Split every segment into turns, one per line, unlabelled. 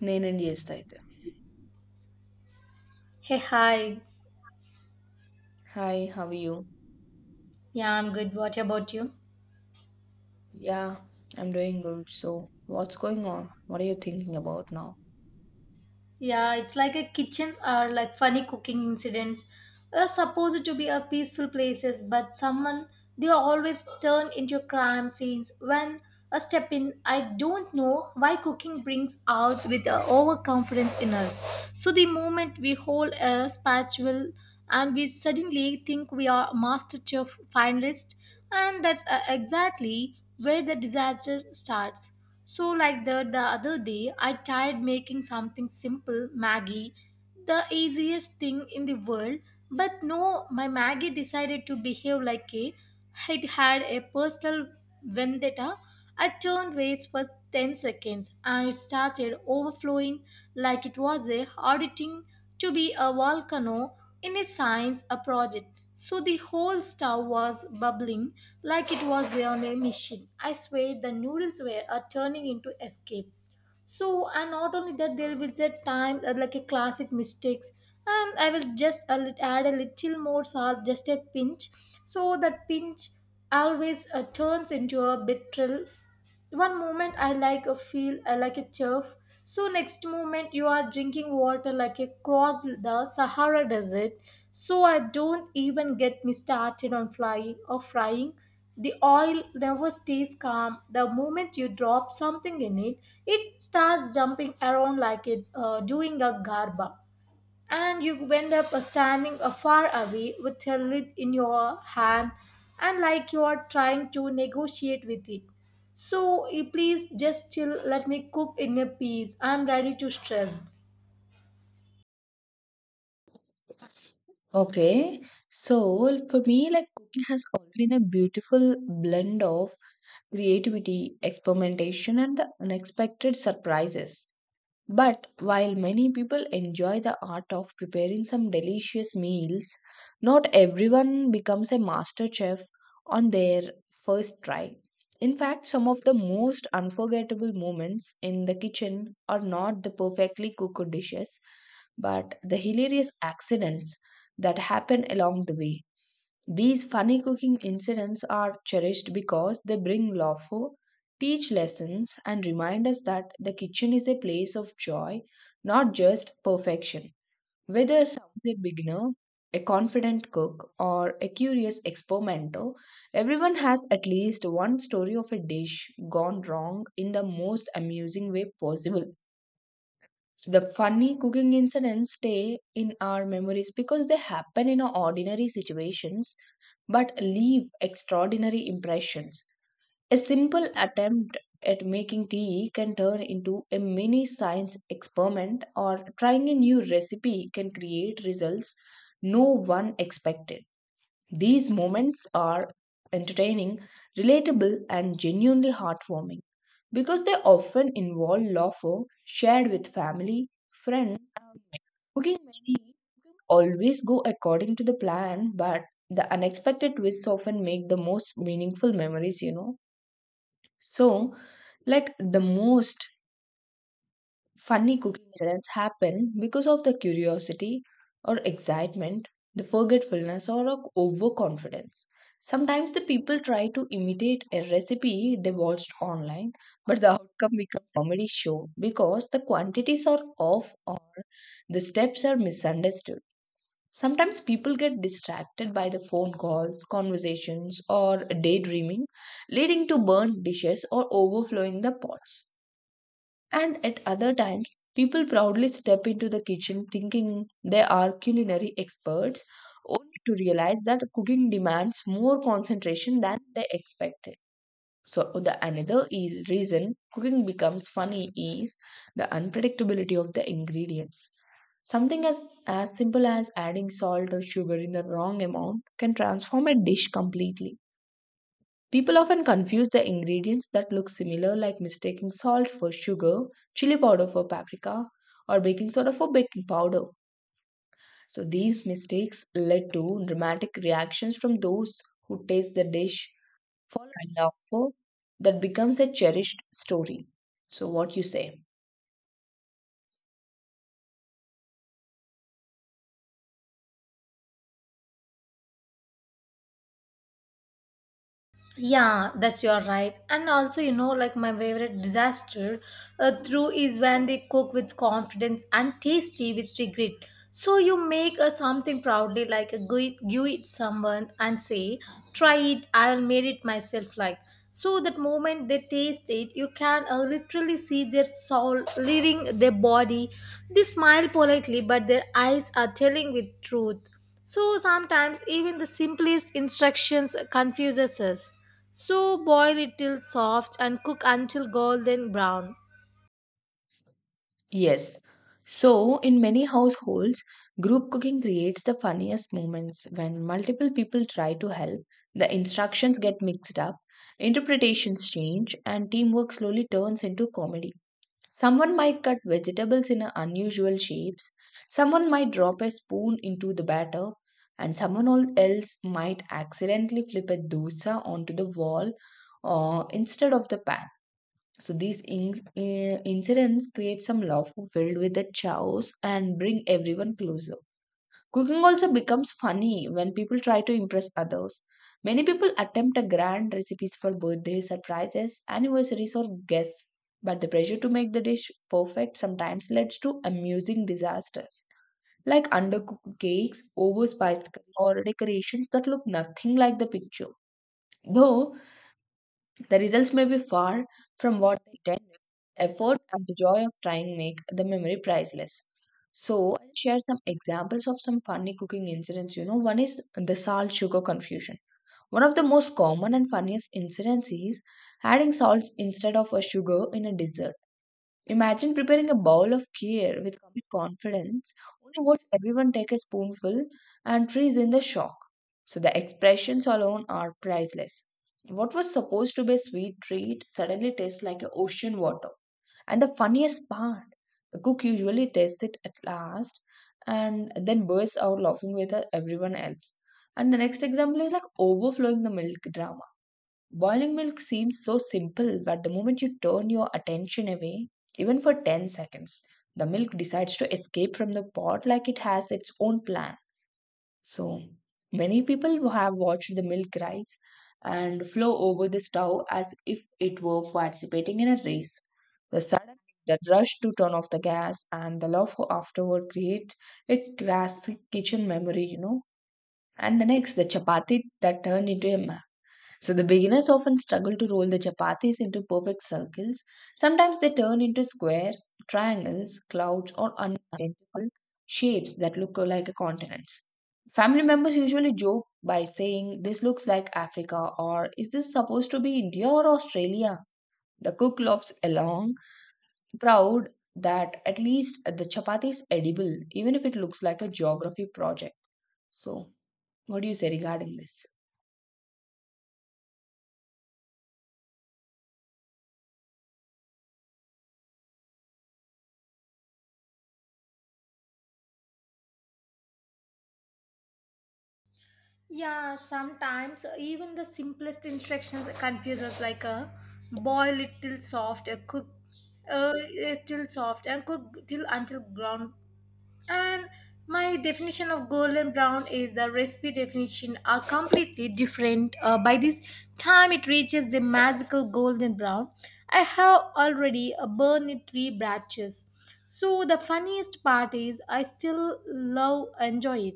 Nanan, yes, Taita.
Hey, hi.
Hi, how are you?
Yeah, I'm good. What about you?
Yeah, I'm doing good. So, what's going on? What are you thinking about now?
Yeah, It's like a kitchens are like funny cooking incidents. Are supposed to be a peaceful places, but someone they always turn into crime scenes when a step in. I don't know why cooking brings out with a overconfidence in us. So the moment we hold a spatula and we suddenly think we are master chef finalist, and that's exactly where the disaster starts. So, like that, the other day, I tried making something simple, Maggie, the easiest thing in the world. But no, my Maggie decided to behave like a it had a personal vendetta. I turned ways for 10 seconds and it started overflowing like it was a auditing to be a volcano in a science a project. So the whole stove was bubbling like it was on a mission. I swear the noodles were are turning into escape. So and not only that, there will set time like a classic mistakes, and I will just add a little more salt, just a pinch, so that pinch always turns into a betrayal. One moment I like a feel like a turf, so next moment you are drinking water like a cross the Sahara desert. So I don't even get me started on flying or frying. The oil never stays calm. The moment you drop something in it, it starts jumping around like it's doing a garba, and you end up standing far away with a lid in your hand and like you are trying to negotiate with it. So please just chill, let me cook in a peace. I'm ready to stress.
Okay, so well, for me, like cooking has always been a beautiful blend of creativity, experimentation, and the unexpected surprises. But while many people enjoy the art of preparing some delicious meals, not everyone becomes a master chef on their first try. In fact, some of the most unforgettable moments in the kitchen are not the perfectly cooked dishes, but the hilarious accidents that happen along the way. These funny cooking incidents are cherished because they bring laughter, teach lessons, and remind us that the kitchen is a place of joy, not just perfection. Whether someone is a beginner, a confident cook, or a curious experimenter, everyone has at least one story of a dish gone wrong in the most amusing way possible. So the funny cooking incidents stay in our memories because they happen in ordinary situations but leave extraordinary impressions. A simple attempt at making tea can turn into a mini science experiment, or trying a new recipe can create results no one expected. These moments are entertaining, relatable, and genuinely heartwarming because they often involve laughter shared with family, friends, and mates. Cooking many always go according to the plan, but the unexpected twists often make the most meaningful memories, you know. So, like the most funny cooking incidents happen because of the curiosity or excitement, the forgetfulness or of overconfidence. Sometimes the people try to imitate a recipe they watched online, but the outcome becomes a comedy show because the quantities are off or the steps are misunderstood. Sometimes people get distracted by the phone calls, conversations, or daydreaming, leading to burnt dishes or overflowing the pots. And at other times, people proudly step into the kitchen thinking they are culinary experts, only to realize that cooking demands more concentration than they expected. So, the another is reason cooking becomes funny is the unpredictability of the ingredients. Something as simple as adding salt or sugar in the wrong amount can transform a dish completely. People often confuse the ingredients that look similar, like mistaking salt for sugar, chili powder for paprika, or baking soda for baking powder. So, these mistakes led to dramatic reactions from those who taste the dish, fall in love that becomes a cherished story. So, what you say?
Yeah, that's your right. And also, you know, like my favorite disaster through is when they cook with confidence and tasty with regret. So you make something proudly, like a give it someone and say, "Try it. I will made it myself." Like so, that moment they taste it, you can literally see their soul leaving their body. They smile politely, but their eyes are telling with truth. So sometimes even the simplest instructions confuses us. So boil it till soft and cook until golden brown.
Yes. So, in many households, group cooking creates the funniest moments when multiple people try to help, the instructions get mixed up, interpretations change, and teamwork slowly turns into comedy. Someone might cut vegetables in a unusual shapes, someone might drop a spoon into the batter, and else might accidentally flip a dosa onto the wall or instead of the pan, so these incidents create some love filled with the chaos and bring everyone closer. Cooking also becomes funny when people try to impress others. Many people attempt a grand recipes for birthdays, surprises, anniversaries, or guests, but the pressure to make the dish perfect sometimes leads to amusing disasters, like undercooked cakes, overspiced curry, or decorations that look nothing like the picture. Though the results may be far from what they intended. Effort and the joy of trying make the memory priceless. So, I'll share some examples of some funny cooking incidents. You know, one is the salt sugar confusion. One of the most common and funniest incidents is adding salt instead of a sugar in a dessert. Imagine preparing a bowl of kheer with complete confidence, only watch everyone take a spoonful and freeze in the shock. So the expressions alone are priceless. What was supposed to be a sweet treat suddenly tastes like a ocean water. And the funniest part, the cook usually tastes it at last and then bursts out laughing with everyone else. And the next example is like overflowing the milk drama. Boiling milk seems so simple, but the moment you turn your attention away, even for 10 seconds, the milk decides to escape from the pot like it has its own plan. So, many people have watched the milk rise and flow over the stove as if it were participating in a race. The sudden the rush to turn off the gas and the love for afterward create a classic kitchen memory, you know. And the next, the chapati that turned into a, so the beginners often struggle to roll the chapatis into perfect circles. Sometimes they turn into squares, triangles, clouds, or unidentifiable shapes that look like a continents. Family members usually joke by saying, "This looks like Africa," or "Is this supposed to be India or Australia?" The cook laughs along, proud that at least the chapati is edible, even if it looks like a geography project. So, what do you say regarding this?
Yeah, sometimes even the simplest instructions confuse us like boil it till soft, cook uh, till soft and cook till until ground. And my definition of golden brown is the recipe definition are completely different. By this time, it reaches the magical golden brown. I have already burned it three branches. So the funniest part is I still love enjoy it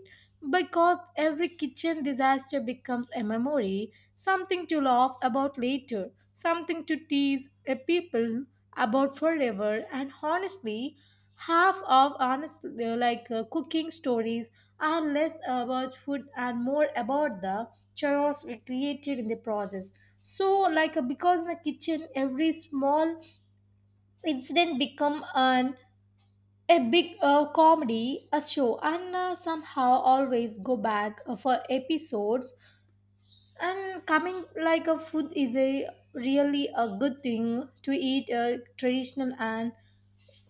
because every kitchen disaster becomes a memory, something to laugh about later, something to tease people about forever, and honestly half of honest cooking stories are less about food and more about the chaos created in the process. So because in the kitchen every small incident become an a big comedy a show, and somehow always go back for episodes and coming like a food is a really a good thing to eat traditional and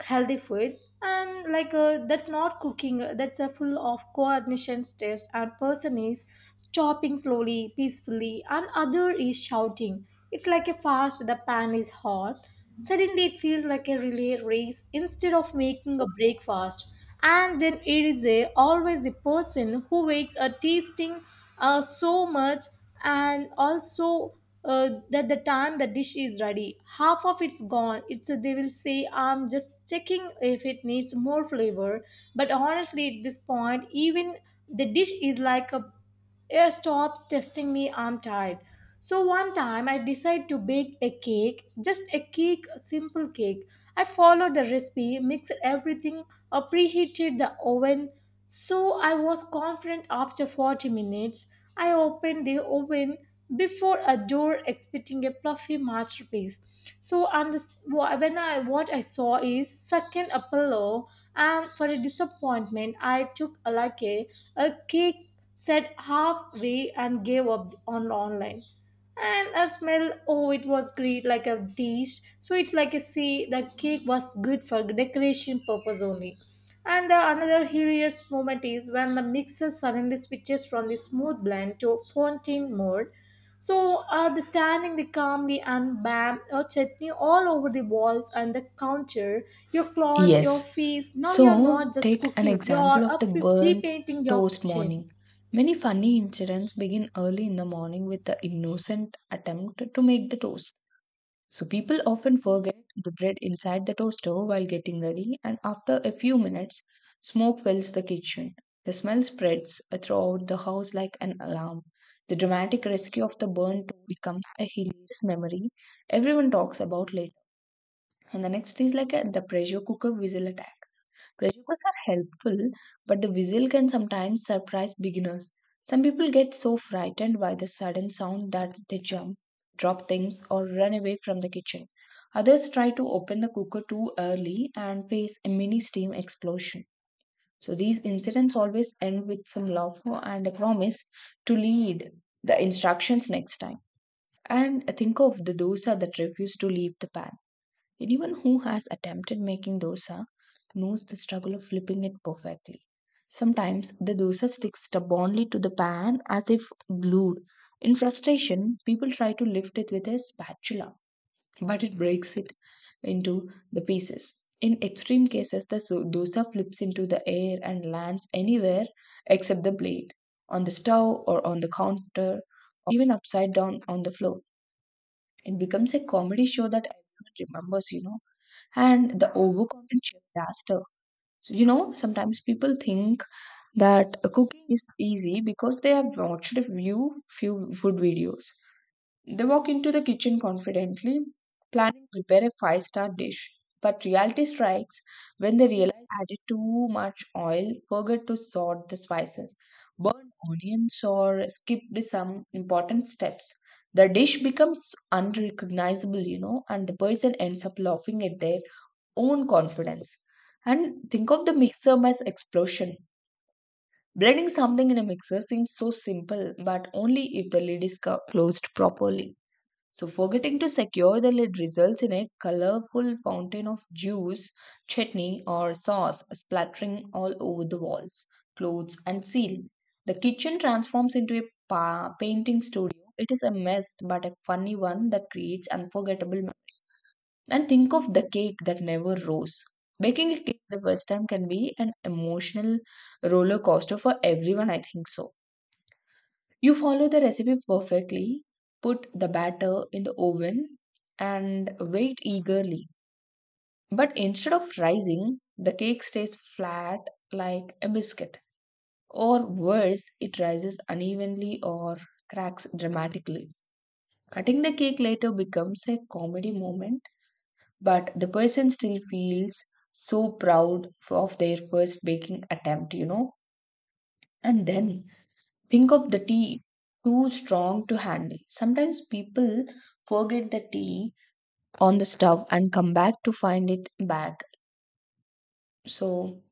healthy food. And that's not cooking, that's a full of coordination test, and person is chopping slowly peacefully and other is shouting it's like a fast the pan is hot. Suddenly it feels like a relay race instead of making a breakfast. And then it is a, always the person who wakes a tasting so much. And also that the time the dish is ready, half of it's gone. It's they will say, I'm just checking if it needs more flavor. But honestly at this point even the dish is like a yeah, stop testing me, I'm tired. So one time I decided to bake a cake, just a cake, a simple cake. I followed the recipe, mixed everything, preheated the oven, so I was confident. After 40 minutes, I opened the oven before a door expecting a fluffy masterpiece. So and this, when I what I saw is second a pillow. And for a disappointment I took a like a cake said halfway and gave up on online. And a smell oh it was great like a dish. So it's like a see the cake was good for decoration purpose only. And the another hilarious moment is when the mixer suddenly switches from the smooth blend to fountain mode. So the standing the calmly and bam, your chutney all over the walls and the counter, your clothes, your
Yes.
face. Now you're not
So,
just
take an
cooking, you're
example of the
up
burnt
repainting your
toast
kitchen.
morning. Many funny incidents begin early in the morning with the innocent attempt to make the toast. So, people often forget the bread inside the toaster while getting ready, and after a few minutes, smoke fills the kitchen. The smell spreads throughout the house like an alarm. The dramatic rescue of the burnt toast becomes a hilarious memory everyone talks about later, and the next is like a, the pressure cooker whistle attack. Pressure cookers are helpful, but the whistle can sometimes surprise beginners. Some people get so frightened by the sudden sound that they jump, drop things, or run away from the kitchen. Others try to open the cooker too early and face a mini steam explosion. So these incidents always end with some laughter and a promise to lead the instructions next time. And think of the dosa that refuse to leave the pan. Anyone who has attempted making dosa knows the struggle of flipping it perfectly. Sometimes the dosa sticks stubbornly to the pan as if glued. In frustration, people try to lift it with a spatula, but it breaks it into the pieces. In extreme cases, dosa flips into the air and lands anywhere except the blade, on the stove or on the counter, or even upside down on the floor. It becomes a comedy show that everyone remembers, and the overcomplicates disaster. So, you know, sometimes people think that cooking is easy because they have watched a few food videos. They walk into the kitchen confidently, planning to prepare a five-star dish. But reality strikes when they realize they added too much oil, forgot to sort the spices, burned onions, or skipped some important steps. The dish becomes unrecognizable, you know, and the person ends up laughing at their own confidence. And think of the mixer as explosion. Blending something in a mixer seems so simple, but only if the lid is closed properly. So, forgetting to secure the lid results in a colorful fountain of juice, chutney, or sauce splattering all over the walls, clothes, and ceiling. The kitchen transforms into a painting studio. It is a mess, but a funny one that creates unforgettable memories. And think of the cake that never rose. Baking a cake the first time can be an emotional roller coaster for everyone, I think so. You follow the recipe perfectly, put the batter in the oven, and wait eagerly. But instead of rising, the cake stays flat like a biscuit. Or worse, it rises unevenly or cracks dramatically. Cutting the cake later becomes a comedy moment, but the person still feels so proud of their first baking attempt, you know. And then think of the tea too strong to handle. Sometimes people forget the tea on the stove and come back to find it back. So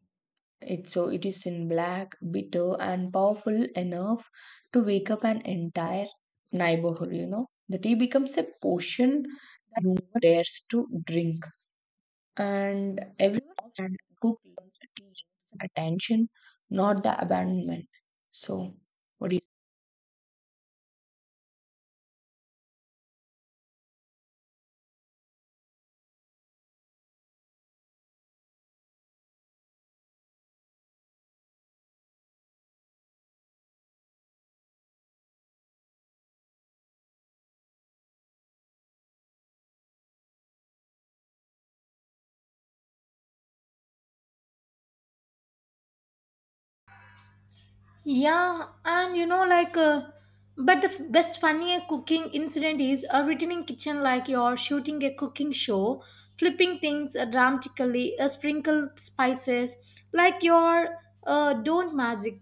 so it is in black, bitter, and powerful enough to wake up an entire neighborhood. You know, the tea becomes a potion that no one dares to drink. And everyone observes and cook learns to teach attention, not the abandonment. So, what do you—
Yeah, and you know, like, but the best funny cooking incident is a written in kitchen like you're shooting a cooking show, flipping things dramatically, sprinkle spices, like you're not magic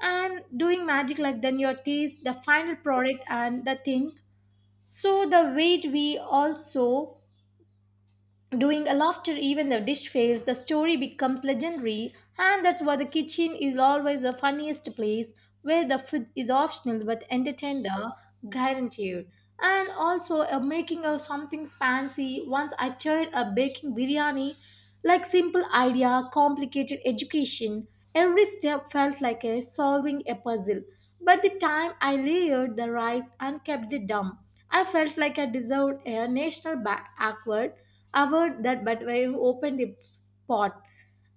and doing magic like then your taste, the final product and the thing. So the weight we also doing a laughter, even the dish fails, the story becomes legendary, and that's why the kitchen is always the funniest place where the food is optional but entertained guaranteed. And also making of something fancy. Once I tried a baking biryani, like simple idea, complicated education. Every step felt like a solving a puzzle. But the time I layered the rice and kept the dumb, I felt like I deserved a national award. Aware that but when you opened the pot,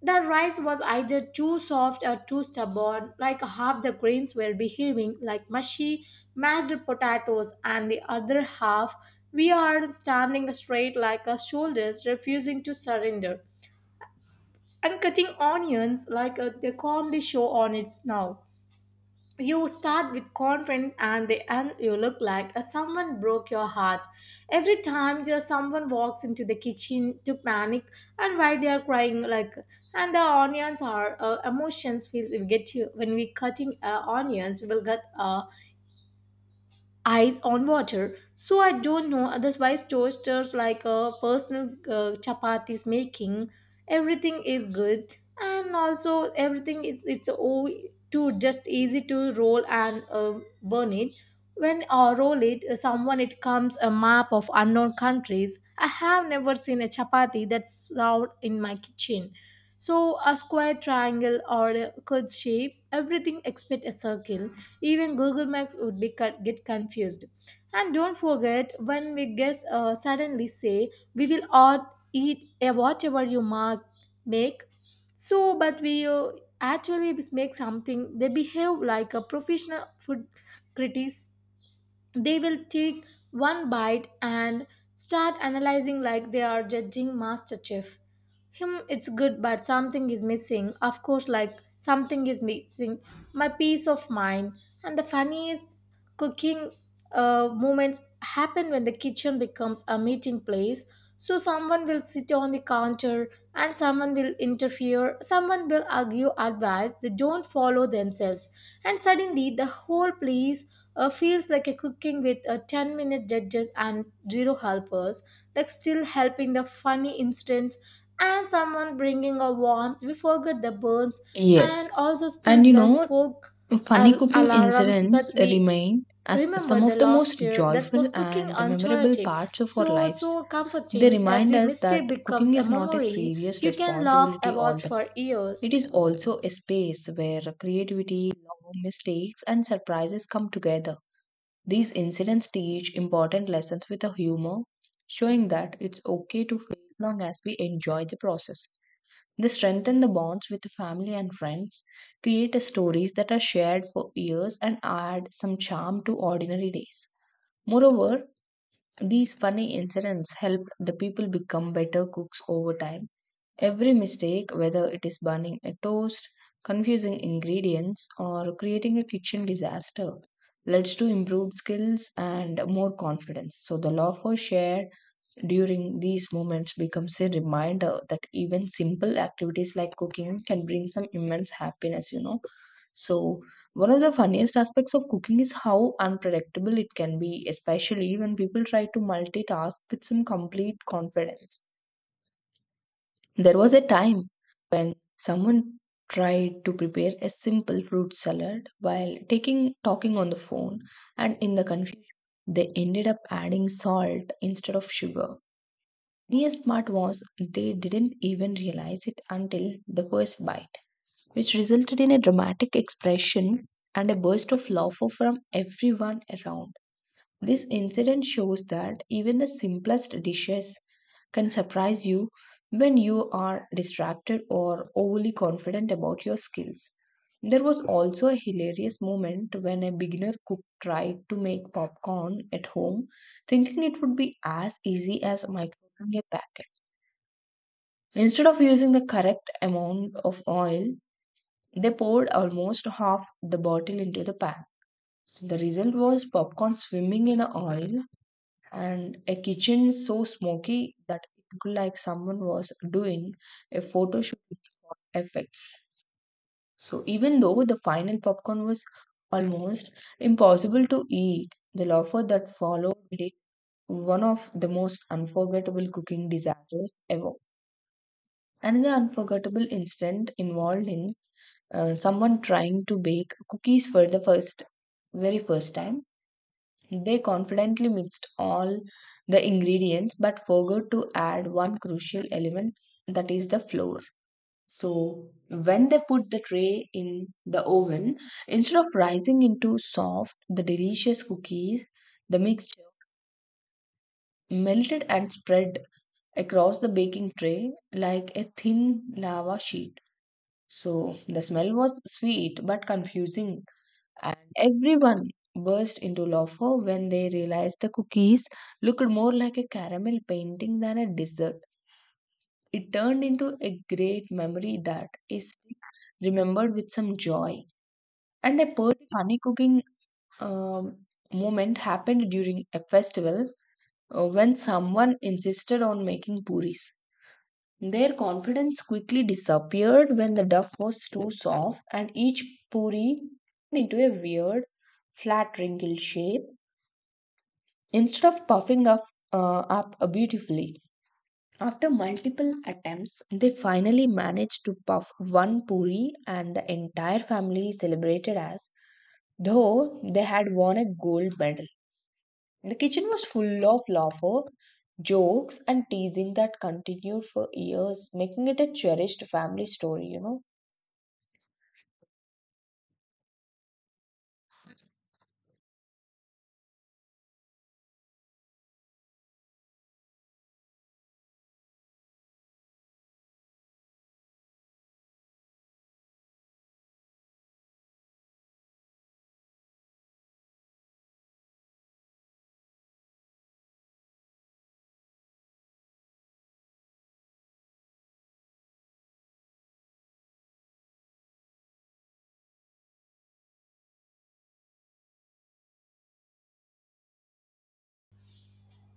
the rice was either too soft or too stubborn, like half the grains were behaving like mushy, mashed potatoes, and the other half we are standing straight like our shoulders, refusing to surrender. And cutting onions like a, the comedy show on its now. You start with confidence and the end you look like a someone broke your heart. Every time there's someone walks into the kitchen to panic and why they are crying like, and the onions are emotions feels we get you when we cutting onions we will get a eyes on water. So I don't know otherwise toasters like a personal chapatis making everything is good, and also everything is it's all too just easy to roll and burn it. When I roll it someone it comes a map of unknown countries. I have never seen a chapati that's round in my kitchen. So a square triangle or a curved shape, everything except a circle. Even Google Maps would be cut, get confused. And don't forget when we guess suddenly say we will all eat whatever you mark make. So, but we actually make something. They behave like a professional food critics. They will take one bite and start analyzing like they are judging master chef. Him it's good but something is missing, of course like something is missing, my peace of mind. And the funniest cooking moments happen when the kitchen becomes a meeting place. So someone will sit on the counter and someone will interfere, someone will argue advice they don't follow themselves. And suddenly the whole place feels like a cooking with 10-minute judges and zero helpers, like still helping the funny instance and someone bringing a warmth. We forget the burns and
Yes.
also
And
spills
you
the
know,
spoke
funny cooking
alarms,
incidents
but we
remain as
remember
some
the
of the most
laughter that
joyful
was cooking
and the memorable
unchoiotic.
parts of our
So,
lives.
so
They
comforting.
remind
Every
us
mistake
that
becomes
cooking
a
is not a
memory
serious
you can laugh
responsibility all
about
the
for
time. It
years.
is also a space where creativity, love, mistakes, and surprises come together. These incidents teach important lessons with a humor, showing that it's okay to fail as long as we enjoy the process. They strengthen the bonds with the family and friends, create stories that are shared for years, and add some charm to ordinary days. Moreover, these funny incidents help the people become better cooks over time. Every mistake, whether it is burning a toast, confusing ingredients, or creating a kitchen disaster, leads to improved skills and more confidence. So, the laughter shared during these moments becomes a reminder that even simple activities like cooking can bring some immense happiness, you know. So, one of the funniest aspects of cooking is how unpredictable it can be, especially when people try to multitask with some complete confidence. There was a time when someone tried to prepare a simple fruit salad while taking talking on the phone, and in the confusion they ended up adding salt instead of sugar. Funniest part was they didn't even realize it until the first bite, which resulted in a dramatic expression and a burst of laughter from everyone around. This incident shows that even the simplest dishes can surprise you when you are distracted or overly confident about your skills. There was also a hilarious moment when a beginner cook tried to make popcorn at home, thinking it would be as easy as microwaving a packet. Instead of using the correct amount of oil, they poured almost half the bottle into the pan. So the result was popcorn swimming in oil and a kitchen so smoky that it looked like someone was doing a photo shoot with fog effects. So even though the final popcorn was almost impossible to eat, the laughter that followed made it one of the most unforgettable cooking disasters ever. Another unforgettable incident involved in someone trying to bake cookies for the first very first time. They confidently mixed all the ingredients but forgot to add one crucial element, that is the flour. So, when they put the tray in the oven, instead of rising into soft, the delicious cookies, the mixture melted and spread across the baking tray like a thin lava sheet. So, the smell was sweet but confusing, and everyone burst into laughter when they realized the cookies looked more like a caramel painting than a dessert. It turned into a great memory that is remembered with some joy. And a particularly funny cooking um, moment happened during a festival when someone insisted on making puris. Their confidence quickly disappeared when the dough was too soft, and each puri into a weird, flat, wrinkled shape. Instead of puffing up beautifully, after multiple attempts, they finally managed to puff one puri, and the entire family celebrated as though they had won a gold medal. The kitchen was full of laughter, jokes, and teasing that continued for years, making it a cherished family story, you know.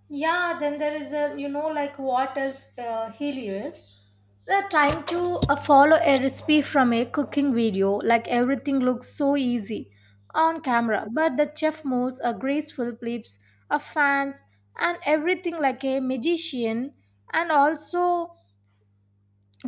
Yeah, then there is a, you know, like what else he is. They're trying to follow a recipe from a cooking video, like everything looks so easy on camera, but the chef moves a graceful flips of fans and everything like a magician, and also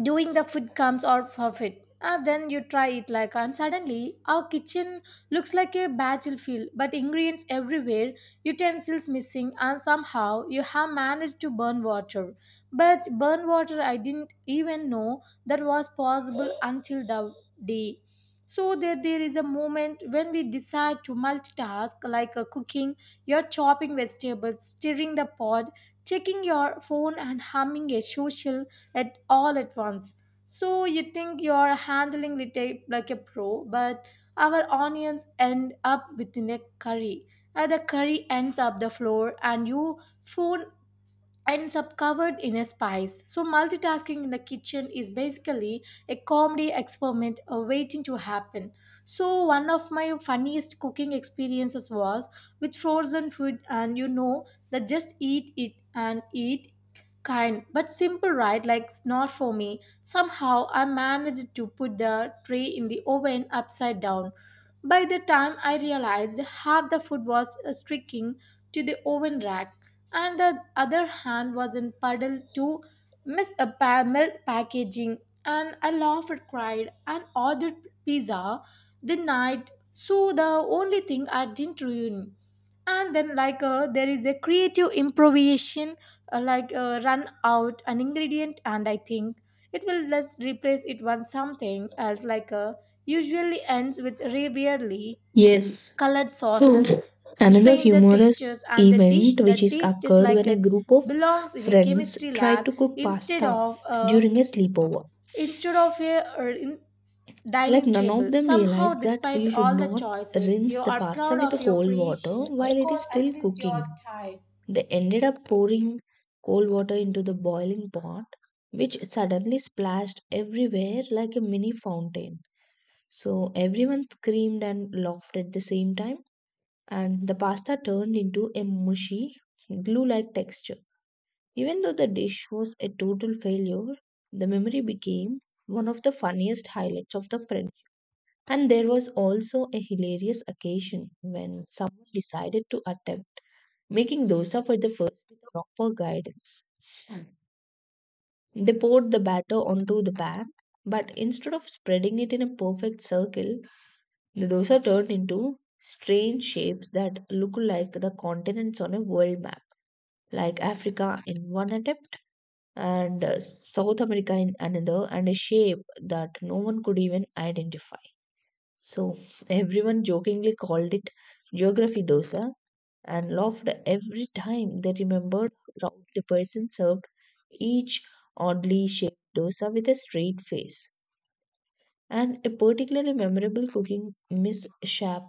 doing the food comes out of it and then you try it like, and suddenly our kitchen looks like a battlefield but ingredients everywhere, utensils missing, and somehow you have managed to burn water. But burn water, I didn't even know that was possible until the day. So that there is a moment when we decide to multitask like a cooking. You're chopping vegetables, stirring the pot, checking your phone, and humming a social at all at once. So you think you're handling the tape like a pro, but our onions end up within a curry. The curry ends up the floor, and your phone ends up covered in a spice. So multitasking in the kitchen is basically a comedy experiment waiting to happen. So one of my funniest cooking experiences was with frozen food, and you know that just eat it and eat kind but simple, right? Like not for me. Somehow I managed to put the tray in the oven upside down. By the time I realized half the food was sticking to the oven rack, and the other hand was in puddle to miss a milk packaging, and I laughed, cried, and ordered pizza the night. So the only thing I didn't ruin. And then there is a creative improvisation, run out an ingredient and I think it will just replace it with something else usually ends with rarely
Yes.
colored
So,
sauces,
another
stranger
humorous
textures, and the dish
event which
that
is
tastes just
occurred
like
when a
it
group of
belongs in a
friends
chemistry
tried
lab
to cook
instead
pasta
of a
during a sleepover.
instead of a or in
Like
dining
none of
table,
them
somehow
realized that
despite
you should
all the
not
choices you
rinse the
are
pasta
proud
with
of
the
your
cold water
creation
while it is
because at
still
least you
cooking.
are tired.
They ended up pouring cold water into the boiling pot, which suddenly splashed everywhere like a mini fountain. So everyone screamed and laughed at the same time, and the pasta turned into a mushy, glue like texture. Even though the dish was a total failure, the memory became one of the funniest highlights of the friendship. And there was also a hilarious occasion when someone decided to attempt making dosa for the first with proper guidance. They poured the batter onto the pan, but instead of spreading it in a perfect circle, the dosa turned into strange shapes that look like the continents on a world map. Like Africa in one attempt, and South America in another, and a shape that no one could even identify. So everyone jokingly called it geography dosa and laughed every time they remembered how the person served each oddly shaped dosa with a straight face. And a particularly memorable cooking mishap,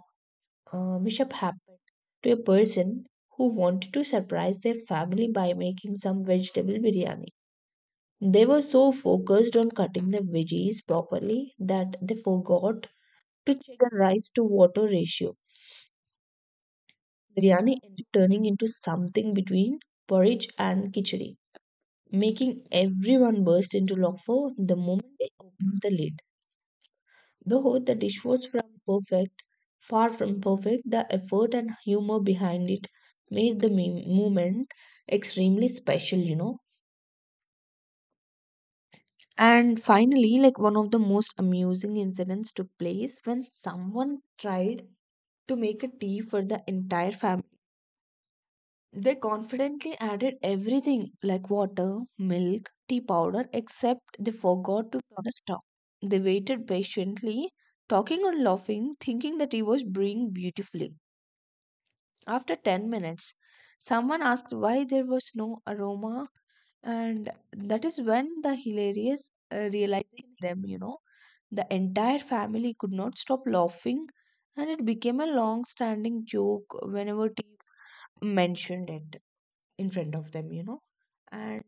uh, mishap happened to a person who wanted to surprise their family by making some vegetable biryani. They were so focused on cutting the veggies properly that they forgot to check the rice to water ratio. Biryani ended turning into something between porridge and khichdi, making everyone burst into laughter the moment they opened the lid. Though the dish was far from perfect, the effort and humor behind it made the moment extremely special. And finally, like one of the most amusing incidents took place when someone tried to make a tea for the entire family. They confidently added everything like water, milk, tea powder, except they forgot to put a stop. They waited patiently, talking and laughing, thinking the tea was brewing beautifully. After 10 minutes, someone asked why there was no aroma, and that is when the hilarious realization hit them. The entire family could not stop laughing, and it became a long standing joke whenever teachers mentioned it in front of them. And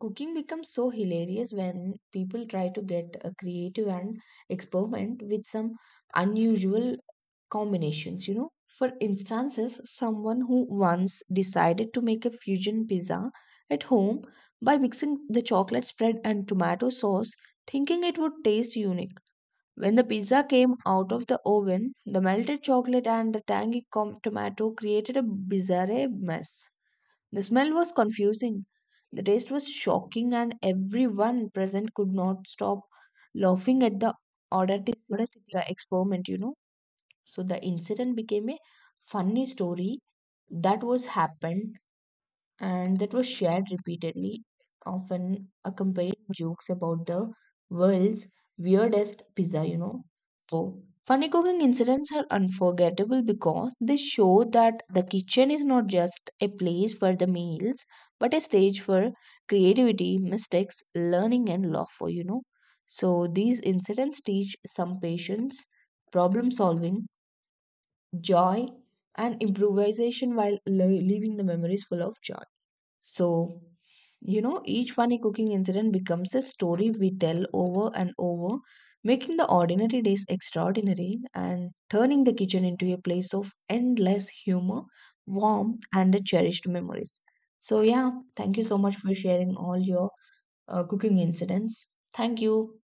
cooking becomes so hilarious when people try to get creative and experiment with some unusual combinations. For instances, someone who once decided to make a fusion pizza at home by mixing the chocolate spread and tomato sauce, thinking it would taste unique. When the pizza came out of the oven, the melted chocolate and the tangy tomato created a bizarre mess. The smell was confusing, the taste was shocking, and everyone present could not stop laughing at the audacity of the experiment. So the incident became a funny story that was happened and that was shared repeatedly, often accompanied jokes about the world's weirdest pizza. So funny cooking incidents are unforgettable because they show that the kitchen is not just a place for the meals, but a stage for creativity, mistakes, learning and laughter. So these incidents teach some patience, problem solving, joy, and improvisation while leaving the memories full of joy. So, each funny cooking incident becomes a story we tell over and over, making the ordinary days extraordinary and turning the kitchen into a place of endless humor, warmth, and cherished memories. So, yeah, thank you so much for sharing all your cooking incidents. Thank you.